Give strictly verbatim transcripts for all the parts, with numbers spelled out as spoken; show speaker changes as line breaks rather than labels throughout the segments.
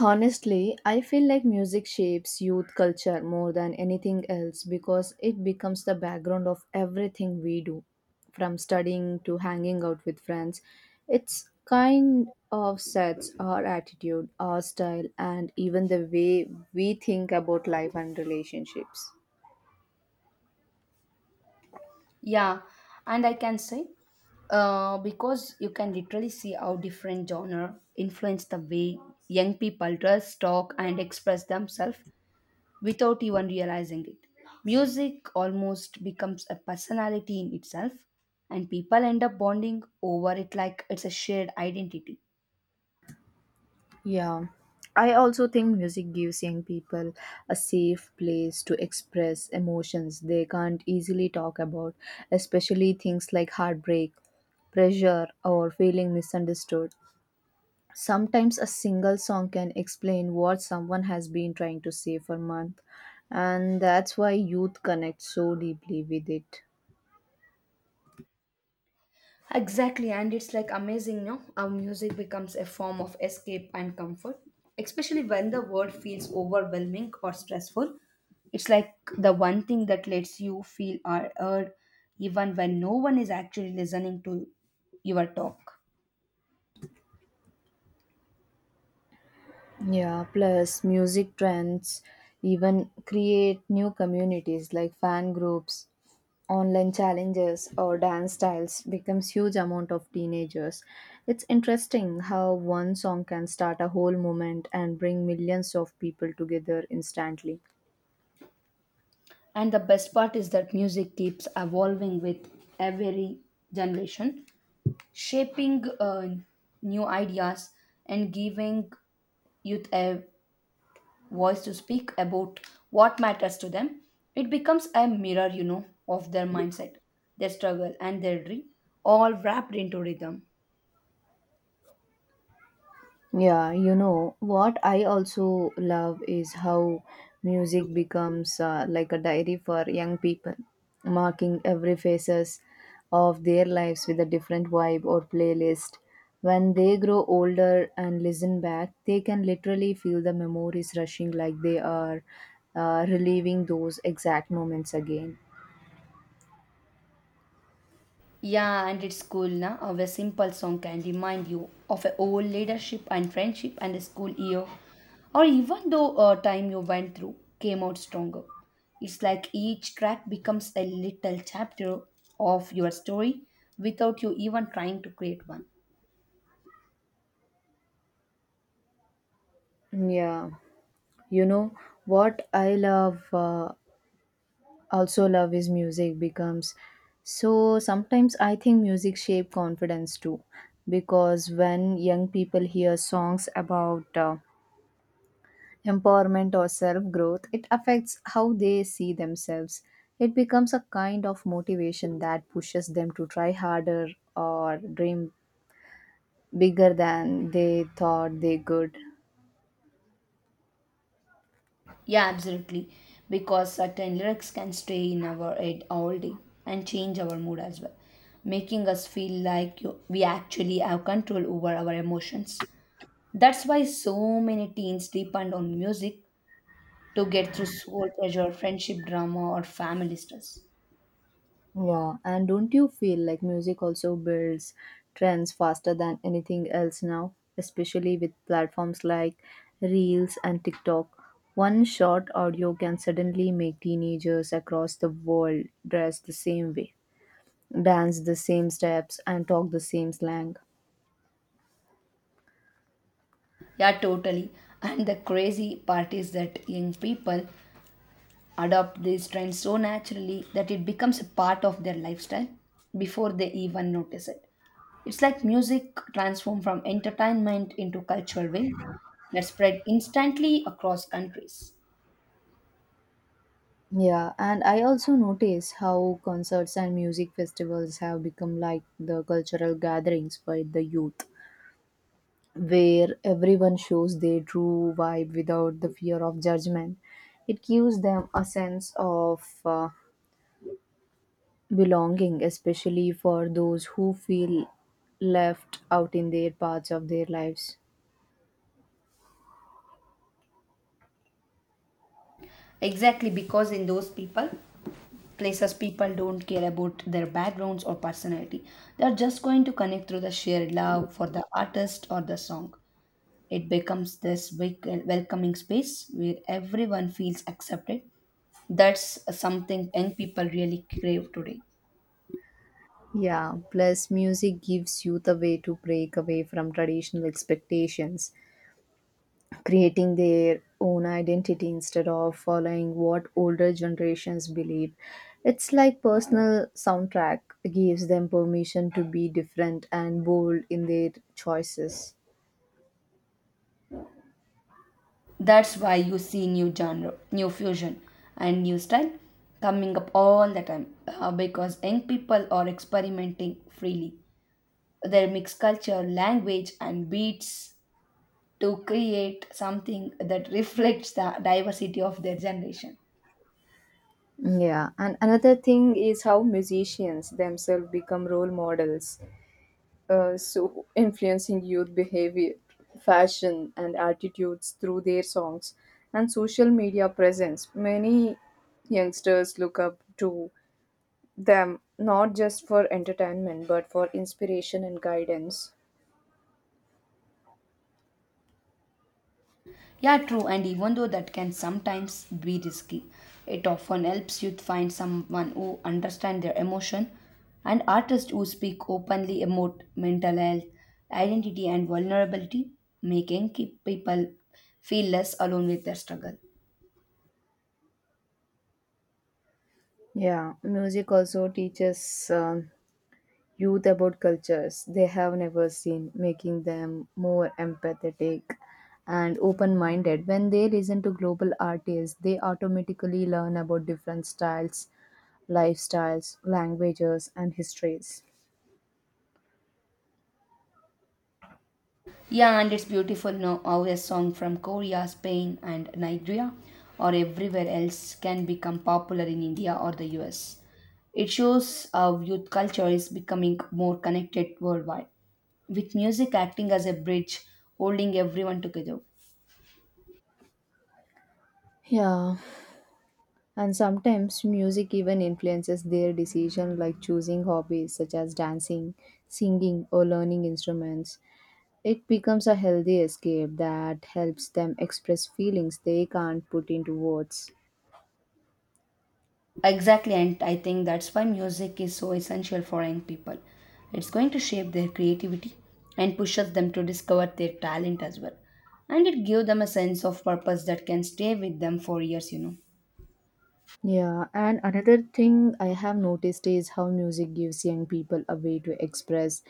Honestly, I feel like music shapes youth culture more than anything else because it becomes the background of everything we do, from studying to hanging out with friends. It's kind of sets our attitude, our style, and even the way we think about life and relationships.
Yeah, and I can say uh, because you can literally see how different genre influence the way young people dress, talk, and express themselves without even realizing it. Music almost becomes a personality in itself, and people end up bonding over it like it's a shared identity.
Yeah, I also think music gives young people a safe place to express emotions they can't easily talk about, especially things like heartbreak, pressure, or feeling misunderstood. Sometimes a single song can explain what someone has been trying to say for months, and that's why youth connect so deeply with it.
Exactly, and it's like amazing, no? Our music becomes a form of escape and comfort, especially when the world feels overwhelming or stressful. It's like the one thing that lets you feel are heard, even when no one is actually listening to your talk.
Yeah, plus music trends even create new communities like fan groups, online challenges or dance styles becomes huge amount of teenagers. It's interesting how one song can start a whole movement and bring millions of people together instantly.
And the best part is that music keeps evolving with every generation, shaping uh, new ideas and giving youth a voice to speak about what matters to them, it becomes a mirror, you know, of their mindset, their struggle, and their dream, all wrapped into rhythm.
Yeah, you know, what I also love is how music becomes uh, like a diary for young people, marking every phases of their lives with a different vibe or playlist. When they grow older and listen back, they can literally feel the memories rushing like they are uh, reliving those exact moments again.
Yeah, and it's cool, na? How a simple song can remind you of a old leadership and friendship and a school year, or even though a time you went through came out stronger. It's like each track becomes a little chapter of your story without you even trying to create one.
Yeah, you know what I love. Uh, also love his music becomes so sometimes I think music shape confidence too because when young people hear songs about uh, empowerment or self growth, it affects how they see themselves. It becomes a kind of motivation that pushes them to try harder or dream bigger than they thought they could.
Yeah, absolutely. Because certain lyrics can stay in our head all day and change our mood as well, making us feel like you, we actually have control over our emotions. That's why so many teens depend on music to get through soul pressure, friendship drama, or family stress.
Yeah, and don't you feel like music also builds trends faster than anything else now, especially with platforms like Reels and TikTok? One short audio can suddenly make teenagers across the world dress the same way, dance the same steps, and talk the same slang.
Yeah, totally. And the crazy part is that young people adopt these trends so naturally that it becomes a part of their lifestyle before they even notice it. It's like music transformed from entertainment into cultural wave that spread instantly across countries.
Yeah, and I also notice how concerts and music festivals have become like the cultural gatherings for the youth, where everyone shows their true vibe without the fear of judgment. It gives them a sense of uh, belonging, especially for those who feel left out in their parts of their lives.
Exactly, because in those people, places people don't care about their backgrounds or personality. They're just going to connect through the shared love for the artist or the song. It becomes this wake- welcoming space where everyone feels accepted. That's something young people really crave today.
Yeah, plus music gives you the way to break away from traditional expectations, creating their own identity instead of following what older generations believe. It's like personal soundtrack gives them permission to be different and bold in their choices.
That's why you see new genre, new fusion, and new style coming up all the time uh, because young people are experimenting freely. They mix culture, language, and beats to create something that reflects the diversity of their generation.
Yeah, and another thing is how musicians themselves become role models, uh, so influencing youth behavior, fashion, and attitudes through their songs and social media presence. Many youngsters look up to them not just for entertainment but for inspiration and guidance.
Yeah, true. And even though that can sometimes be risky, it often helps you find someone who understands their emotion and artists who speak openly about mental health, identity, and vulnerability, making keep people feel less alone with their struggle.
Yeah, music also teaches um, youth about cultures they have never seen, making them more empathetic and open minded. When they listen to global artists, they automatically learn about different styles, lifestyles, languages, and histories.
Yeah, and it's beautiful now how a song from Korea, Spain, and Nigeria or everywhere else can become popular in India or the U S. It shows how youth culture is becoming more connected worldwide, with music acting as a bridge holding everyone together.
Yeah, and sometimes music even influences their decision, like choosing hobbies such as dancing, singing, or learning instruments. It becomes a healthy escape that helps them express feelings they can't put into words.
Exactly, and I think that's why music is so essential for young people. It's going to shape their creativity and pushes them to discover their talent as well, and it gives them a sense of purpose that can stay with them for years, you know.
Yeah, and another thing I have noticed is how music gives young people a way to express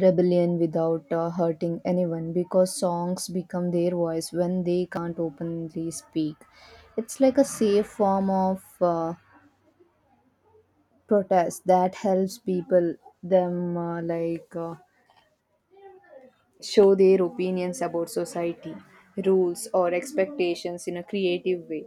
rebellion without uh, hurting anyone because songs become their voice when they can't openly speak. It's like a safe form of uh, protest that helps people them uh, like uh, show their opinions about society rules or expectations in a creative way.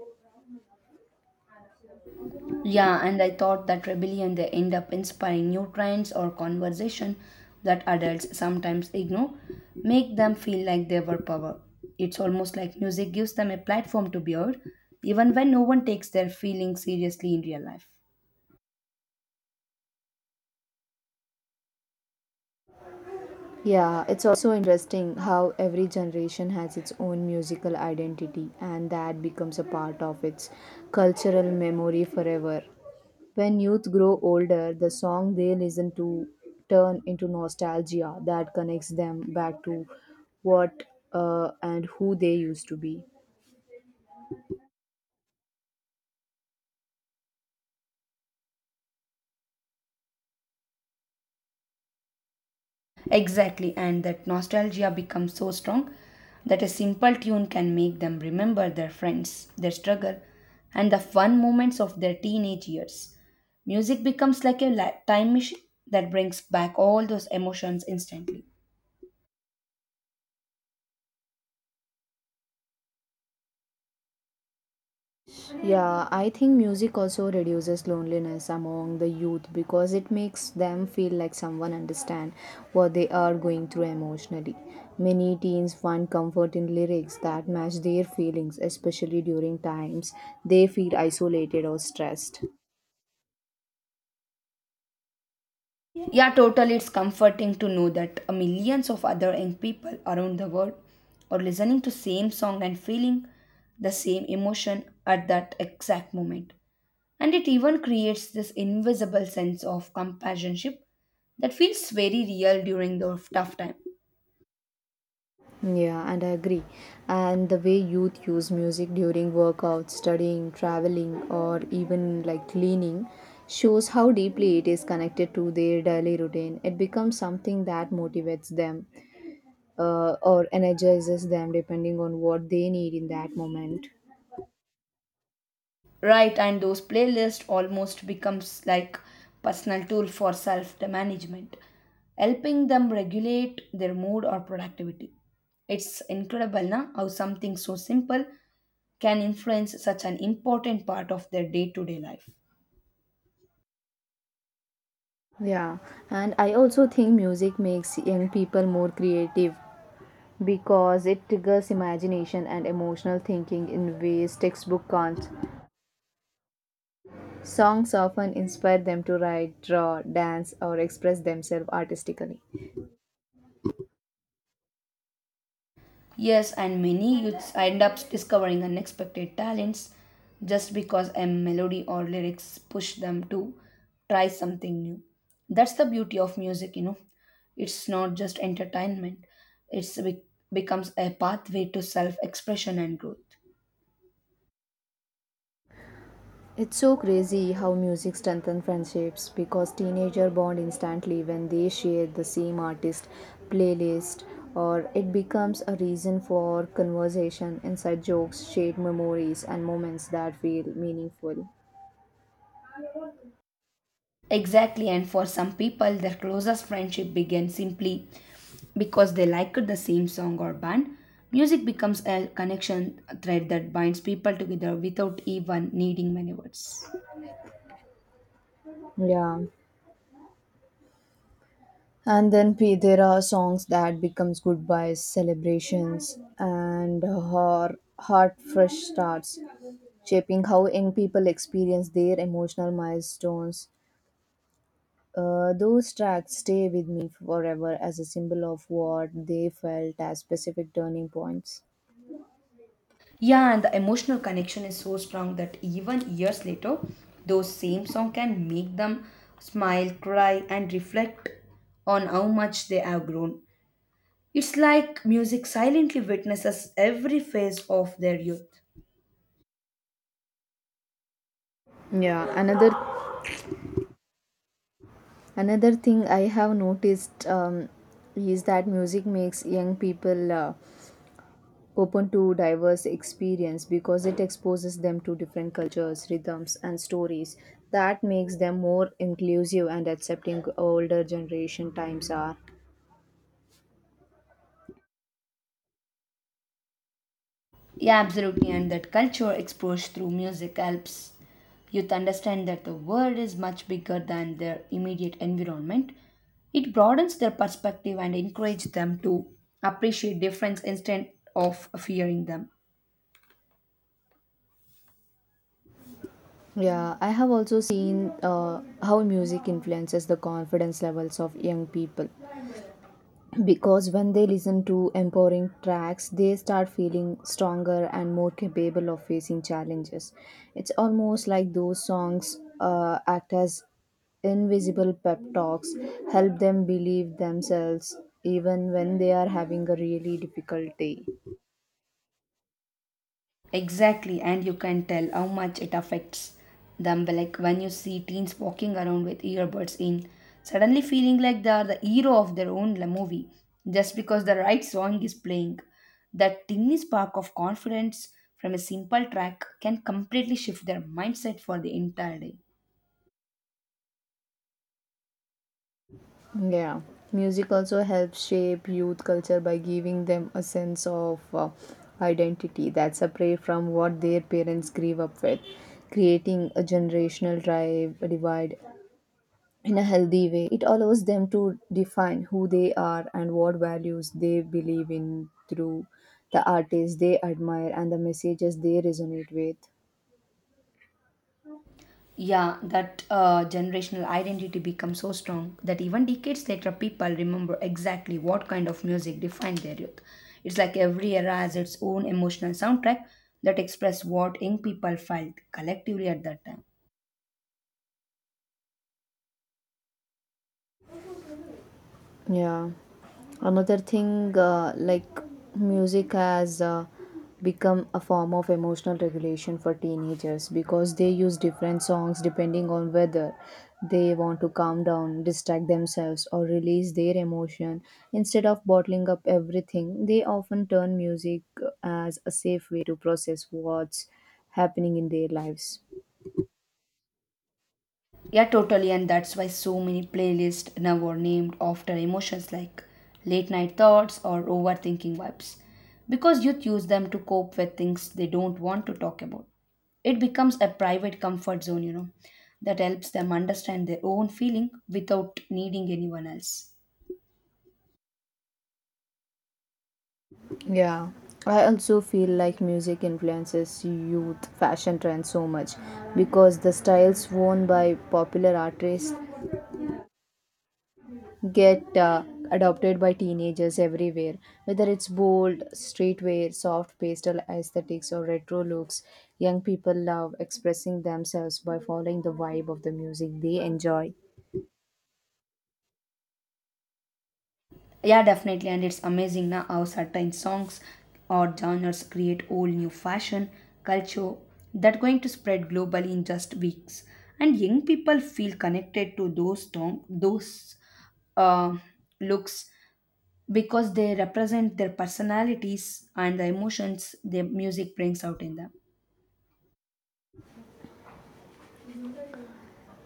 Yeah, and I thought that rebellion they end up inspiring new trends or conversation that adults sometimes ignore, make them feel like they were power. It's almost like music gives them a platform to be heard, even when no one takes their feelings seriously in real life.
Yeah, it's also interesting how every generation has its own musical identity, and that becomes a part of its cultural memory forever. When youth grow older, the song they listen to turn into nostalgia that connects them back to what uh, and who they used to be.
Exactly, and that nostalgia becomes so strong that a simple tune can make them remember their friends, their struggle, and the fun moments of their teenage years. Music becomes like a la- time machine that brings back all those emotions instantly.
Yeah, I think music also reduces loneliness among the youth because it makes them feel like someone understand what they are going through emotionally. Many teens find comfort in lyrics that match their feelings, especially during times they feel isolated or stressed.
Yeah, totally. It's comforting to know that uh, millions of other young people around the world are listening to same song and feeling the same emotion at that exact moment. And it even creates this invisible sense of companionship that feels very real during the tough time.
Yeah, and I agree. And the way youth use music during workouts, studying, traveling, or even like cleaning shows how deeply it is connected to their daily routine. It becomes something that motivates them uh, or energizes them depending on what they need in that moment.
Right, and those playlists almost becomes like personal tool for self-management, helping them regulate their mood or productivity. It's incredible na, how something so simple can influence such an important part of their day-to-day life.
Yeah, and I also think music makes young people more creative because it triggers imagination and emotional thinking in ways textbook can't. Songs often inspire them to write, draw, dance, or express themselves artistically.
Yes, and many youths end up discovering unexpected talents just because a melody or lyrics push them to try something new. That's the beauty of music, you know. It's not just entertainment, it's be- becomes a pathway to self expression and growth.
It's so crazy how music strengthens friendships because teenagers bond instantly when they share the same artist playlist, or it becomes a reason for conversation, inside jokes, shared memories, and moments that feel meaningful.
Exactly, and for some people, their closest friendship begins simply because they liked the same song or band. Music becomes a connection thread that binds people together without even needing many words.
Yeah. And then p- there are songs that becomes goodbyes, celebrations, and her heart fresh starts, shaping how young people experience their emotional milestones. Uh, those tracks stay with me forever as a symbol of what they felt as specific turning points.
Yeah, and the emotional connection is so strong that even years later, those same song can make them smile, cry, and reflect on how much they have grown. It's like music silently witnesses every phase of their youth.
Yeah, another another thing I have noticed um, is that music makes young people uh, open to diverse experience because it exposes them to different cultures, rhythms, and stories that makes them more inclusive and accepting older generation times are.
Yeah, absolutely. And that culture exposed through music helps youth understand that the world is much bigger than their immediate environment. It broadens their perspective and encourages them to appreciate difference instead of fearing them.
Yeah, I have also seen uh, how music influences the confidence levels of young people, because when they listen to empowering tracks they start feeling stronger and more capable of facing challenges. It's almost like those songs uh, act as invisible pep talks, help them believe themselves even when they are having a really difficult day.
Exactly, and you can tell how much it affects them. But, like when you see teens walking around with earbuds in, suddenly feeling like they are the hero of their own la- movie just because the right song is playing. That tiny spark of confidence from a simple track can completely shift their mindset for the entire day.
Yeah, music also helps shape youth culture by giving them a sense of uh, identity that's separate from what their parents grew up with, creating a generational drive, a divide in a healthy way. It allows them to define who they are and what values they believe in through the artists they admire and the messages they resonate with.
Yeah, that uh, generational identity becomes so strong that even decades later, people remember exactly what kind of music defined their youth. It's like every era has its own emotional soundtrack that express what young people felt collectively at that time.
Yeah. Another thing, uh, like music has uh, become a form of emotional regulation for teenagers because they use different songs depending on whether they want to calm down, distract themselves, or release their emotion. Instead of bottling up everything, they often turn music as a safe way to process what's happening in their lives.
Yeah, totally, and that's why so many playlists now are named after emotions like late night thoughts or overthinking vibes, because youth use them to cope with things they don't want to talk about. It becomes a private comfort zone, you know, that helps them understand their own feeling without needing anyone else.
Yeah, I also feel like music influences youth fashion trends so much because the styles worn by popular artists get uh, adopted by teenagers everywhere. Whether it's bold, streetwear, soft pastel aesthetics, or retro looks, young people love expressing themselves by following the vibe of the music they enjoy.
Yeah, definitely, and it's amazing now how certain songs or genres create whole new fashion culture that going to spread globally in just weeks, and young people feel connected to those tom- those uh, looks because they represent their personalities and the emotions their music brings out in them.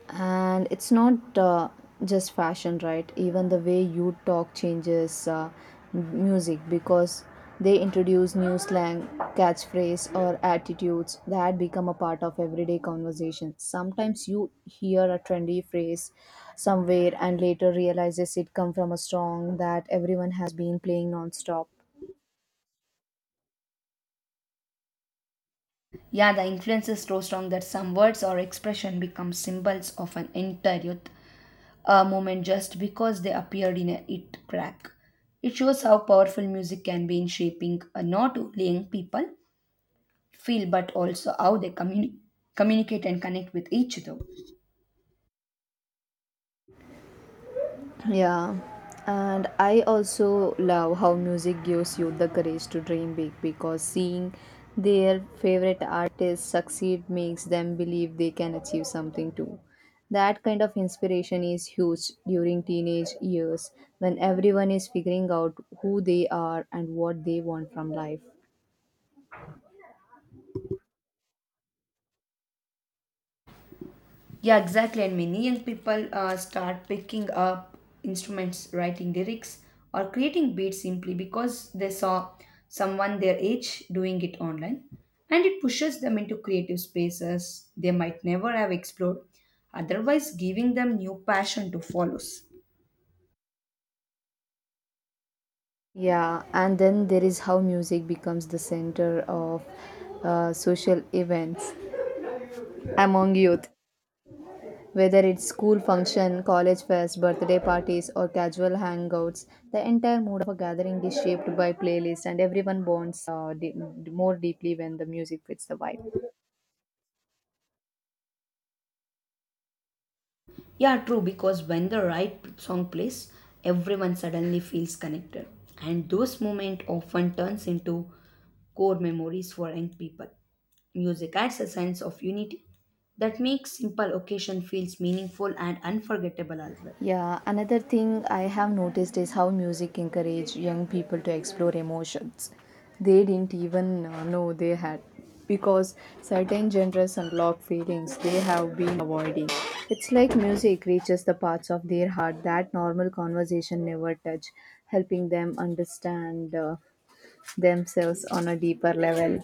And it's not uh, just fashion right, even the way you talk changes uh, m- music, because they introduce new slang, catchphrase or attitudes that become a part of everyday conversation. Sometimes you hear a trendy phrase somewhere and later realizes it come from a song that everyone has been playing non-stop.
Yeah, the influence is so strong that some words or expression become symbols of an entire youth uh, moment just because they appeared in a hit track. It shows how powerful music can be in shaping uh, not only young people feel but also how they communi- communicate and connect with each other.
Yeah, and I also love how music gives you the courage to dream big because seeing their favorite artists succeed makes them believe they can achieve something too. That kind of inspiration is huge during teenage years when everyone is figuring out who they are and what they want from life.
Yeah, exactly. And many young people uh, start picking up instruments, writing lyrics, or creating beats simply because they saw someone their age doing it online. And it pushes them into creative spaces they might never have explored, otherwise, giving them new passion to follow.
Yeah, and then there is how music becomes the center of uh, social events among youth. Whether it's school function, college fest, birthday parties, or casual hangouts, the entire mood of a gathering is shaped by playlist, and everyone bonds uh, de- more deeply when the music fits the vibe.
Yeah, true, because when the right song plays, everyone suddenly feels connected. And those moments often turns into core memories for young people. Music adds a sense of unity that makes simple occasion feels meaningful and unforgettable as well.
Yeah, another thing I have noticed is how music encourage young people to explore emotions they didn't even uh, know they had because certain genres unlock feelings they have been avoiding. It's like music reaches the parts of their heart that normal conversation never touch, helping them understand uh, themselves on a deeper level.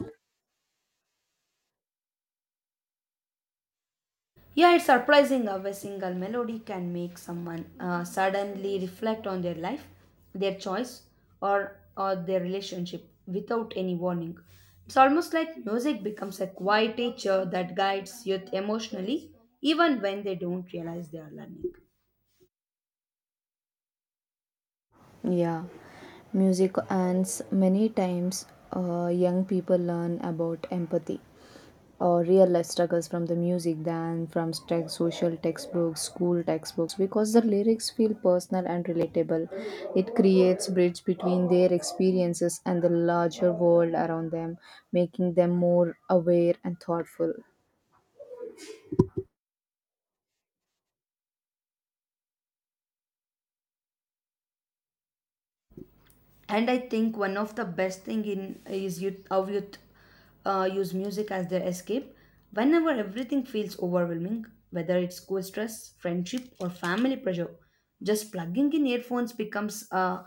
Yeah, it's surprising how a single melody can make someone uh, suddenly reflect on their life, their choice, or, or their relationship without any warning. It's almost like music becomes a quiet teacher that guides youth emotionally, even when they don't realize they are learning.
Yeah, music and s- many times uh, young people learn about empathy or real life struggles from the music than from tech, social textbooks, school textbooks because the lyrics feel personal and relatable. It creates bridge between their experiences and the larger world around them, making them more aware and thoughtful.
And I think one of the best thing in is youth how youth uh, use music as their escape whenever everything feels overwhelming, whether it's school stress friendship or family pressure, just plugging in earphones becomes uh,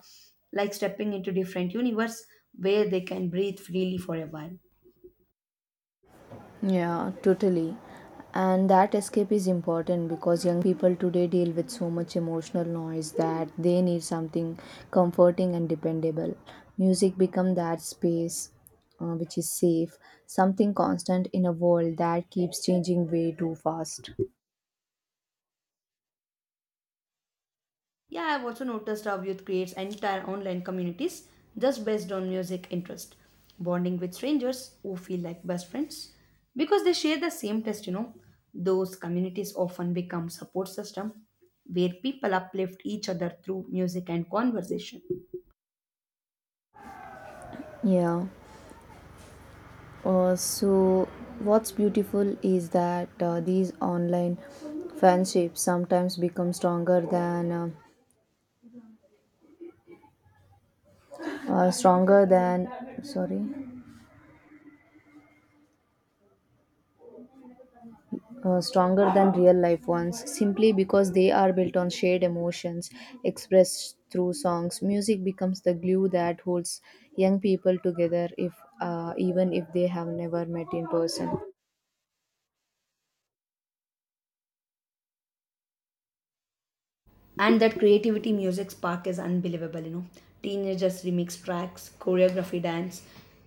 like stepping into different universe where they can breathe freely for a while.
Yeah, totally. And that escape is important because young people today deal with so much emotional noise that they need something comforting and dependable. Music become that space uh, which is safe, something constant in a world that keeps changing way too fast.
Yeah, I've also noticed how youth creates entire online communities just based on music interest, bonding with strangers who feel like best friends because they share the same taste. You know, those communities often become support system where people uplift each other through music and conversation.
Yeah. Uh, so what's beautiful is that uh, these online friendships sometimes become stronger than uh, uh, stronger than sorry uh, stronger than real life ones simply because they are built on shared emotions expressed through songs. Music becomes the glue that holds young people together, if uh, even if they have never met in person.
And that creativity music spark is unbelievable, you know. Teenagers remix tracks choreography dance,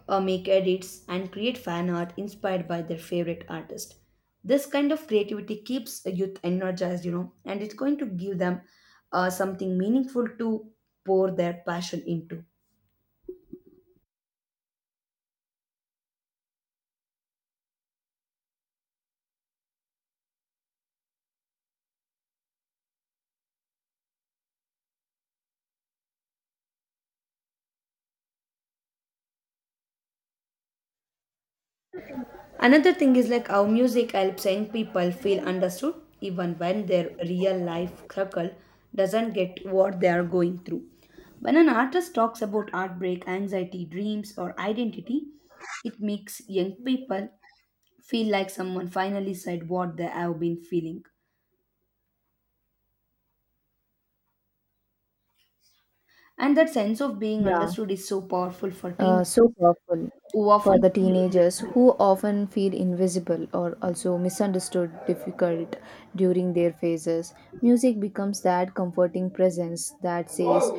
uh, make edits and create fan art inspired by their favorite artist. This kind of creativity keeps a youth energized, you know, and it's going to give them uh, something meaningful to pour their passion into. Another thing is like how music helps young people feel understood even when their real life struggle doesn't get what they are going through. When an artist talks about heartbreak, anxiety, dreams, or identity, it makes young people feel like someone finally said what they have been feeling. And that sense of being
Yeah,
understood is so powerful for
uh,
teenagers
so powerful
who
for
often
the
feel
teenagers
invisible.
who often feel invisible or also misunderstood difficult during their phases. Music becomes that comforting presence that says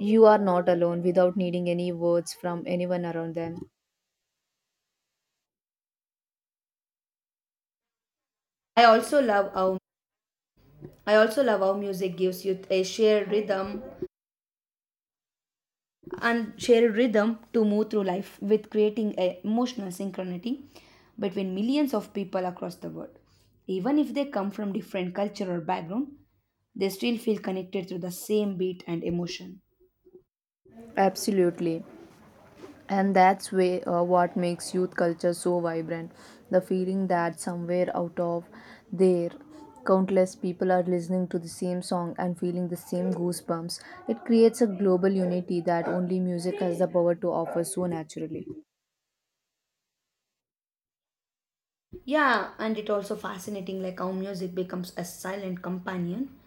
you are not alone without needing any words from anyone around them.
I also love how I also love how music gives youth a shared rhythm and shared rhythm to move through life with, creating a emotional synchronicity between millions of people across the world. Even if they come from different culture or background, they still feel connected through the same beat and emotion.
Absolutely. And that's way, uh, what makes youth culture so vibrant. The feeling that somewhere out of there, countless people are listening to the same song and feeling the same goosebumps. It creates a global unity that only music has the power to offer so naturally.
Yeah, and it also fascinating like how music becomes a silent companion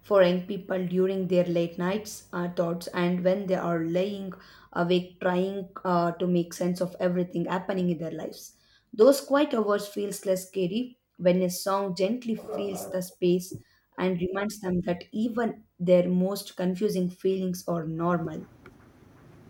for young people during their late nights uh, thoughts and when they are laying awake trying uh, to make sense of everything happening in their lives. Those quiet hours feels less scary when a song gently fills the space and reminds them that even their most confusing feelings are normal.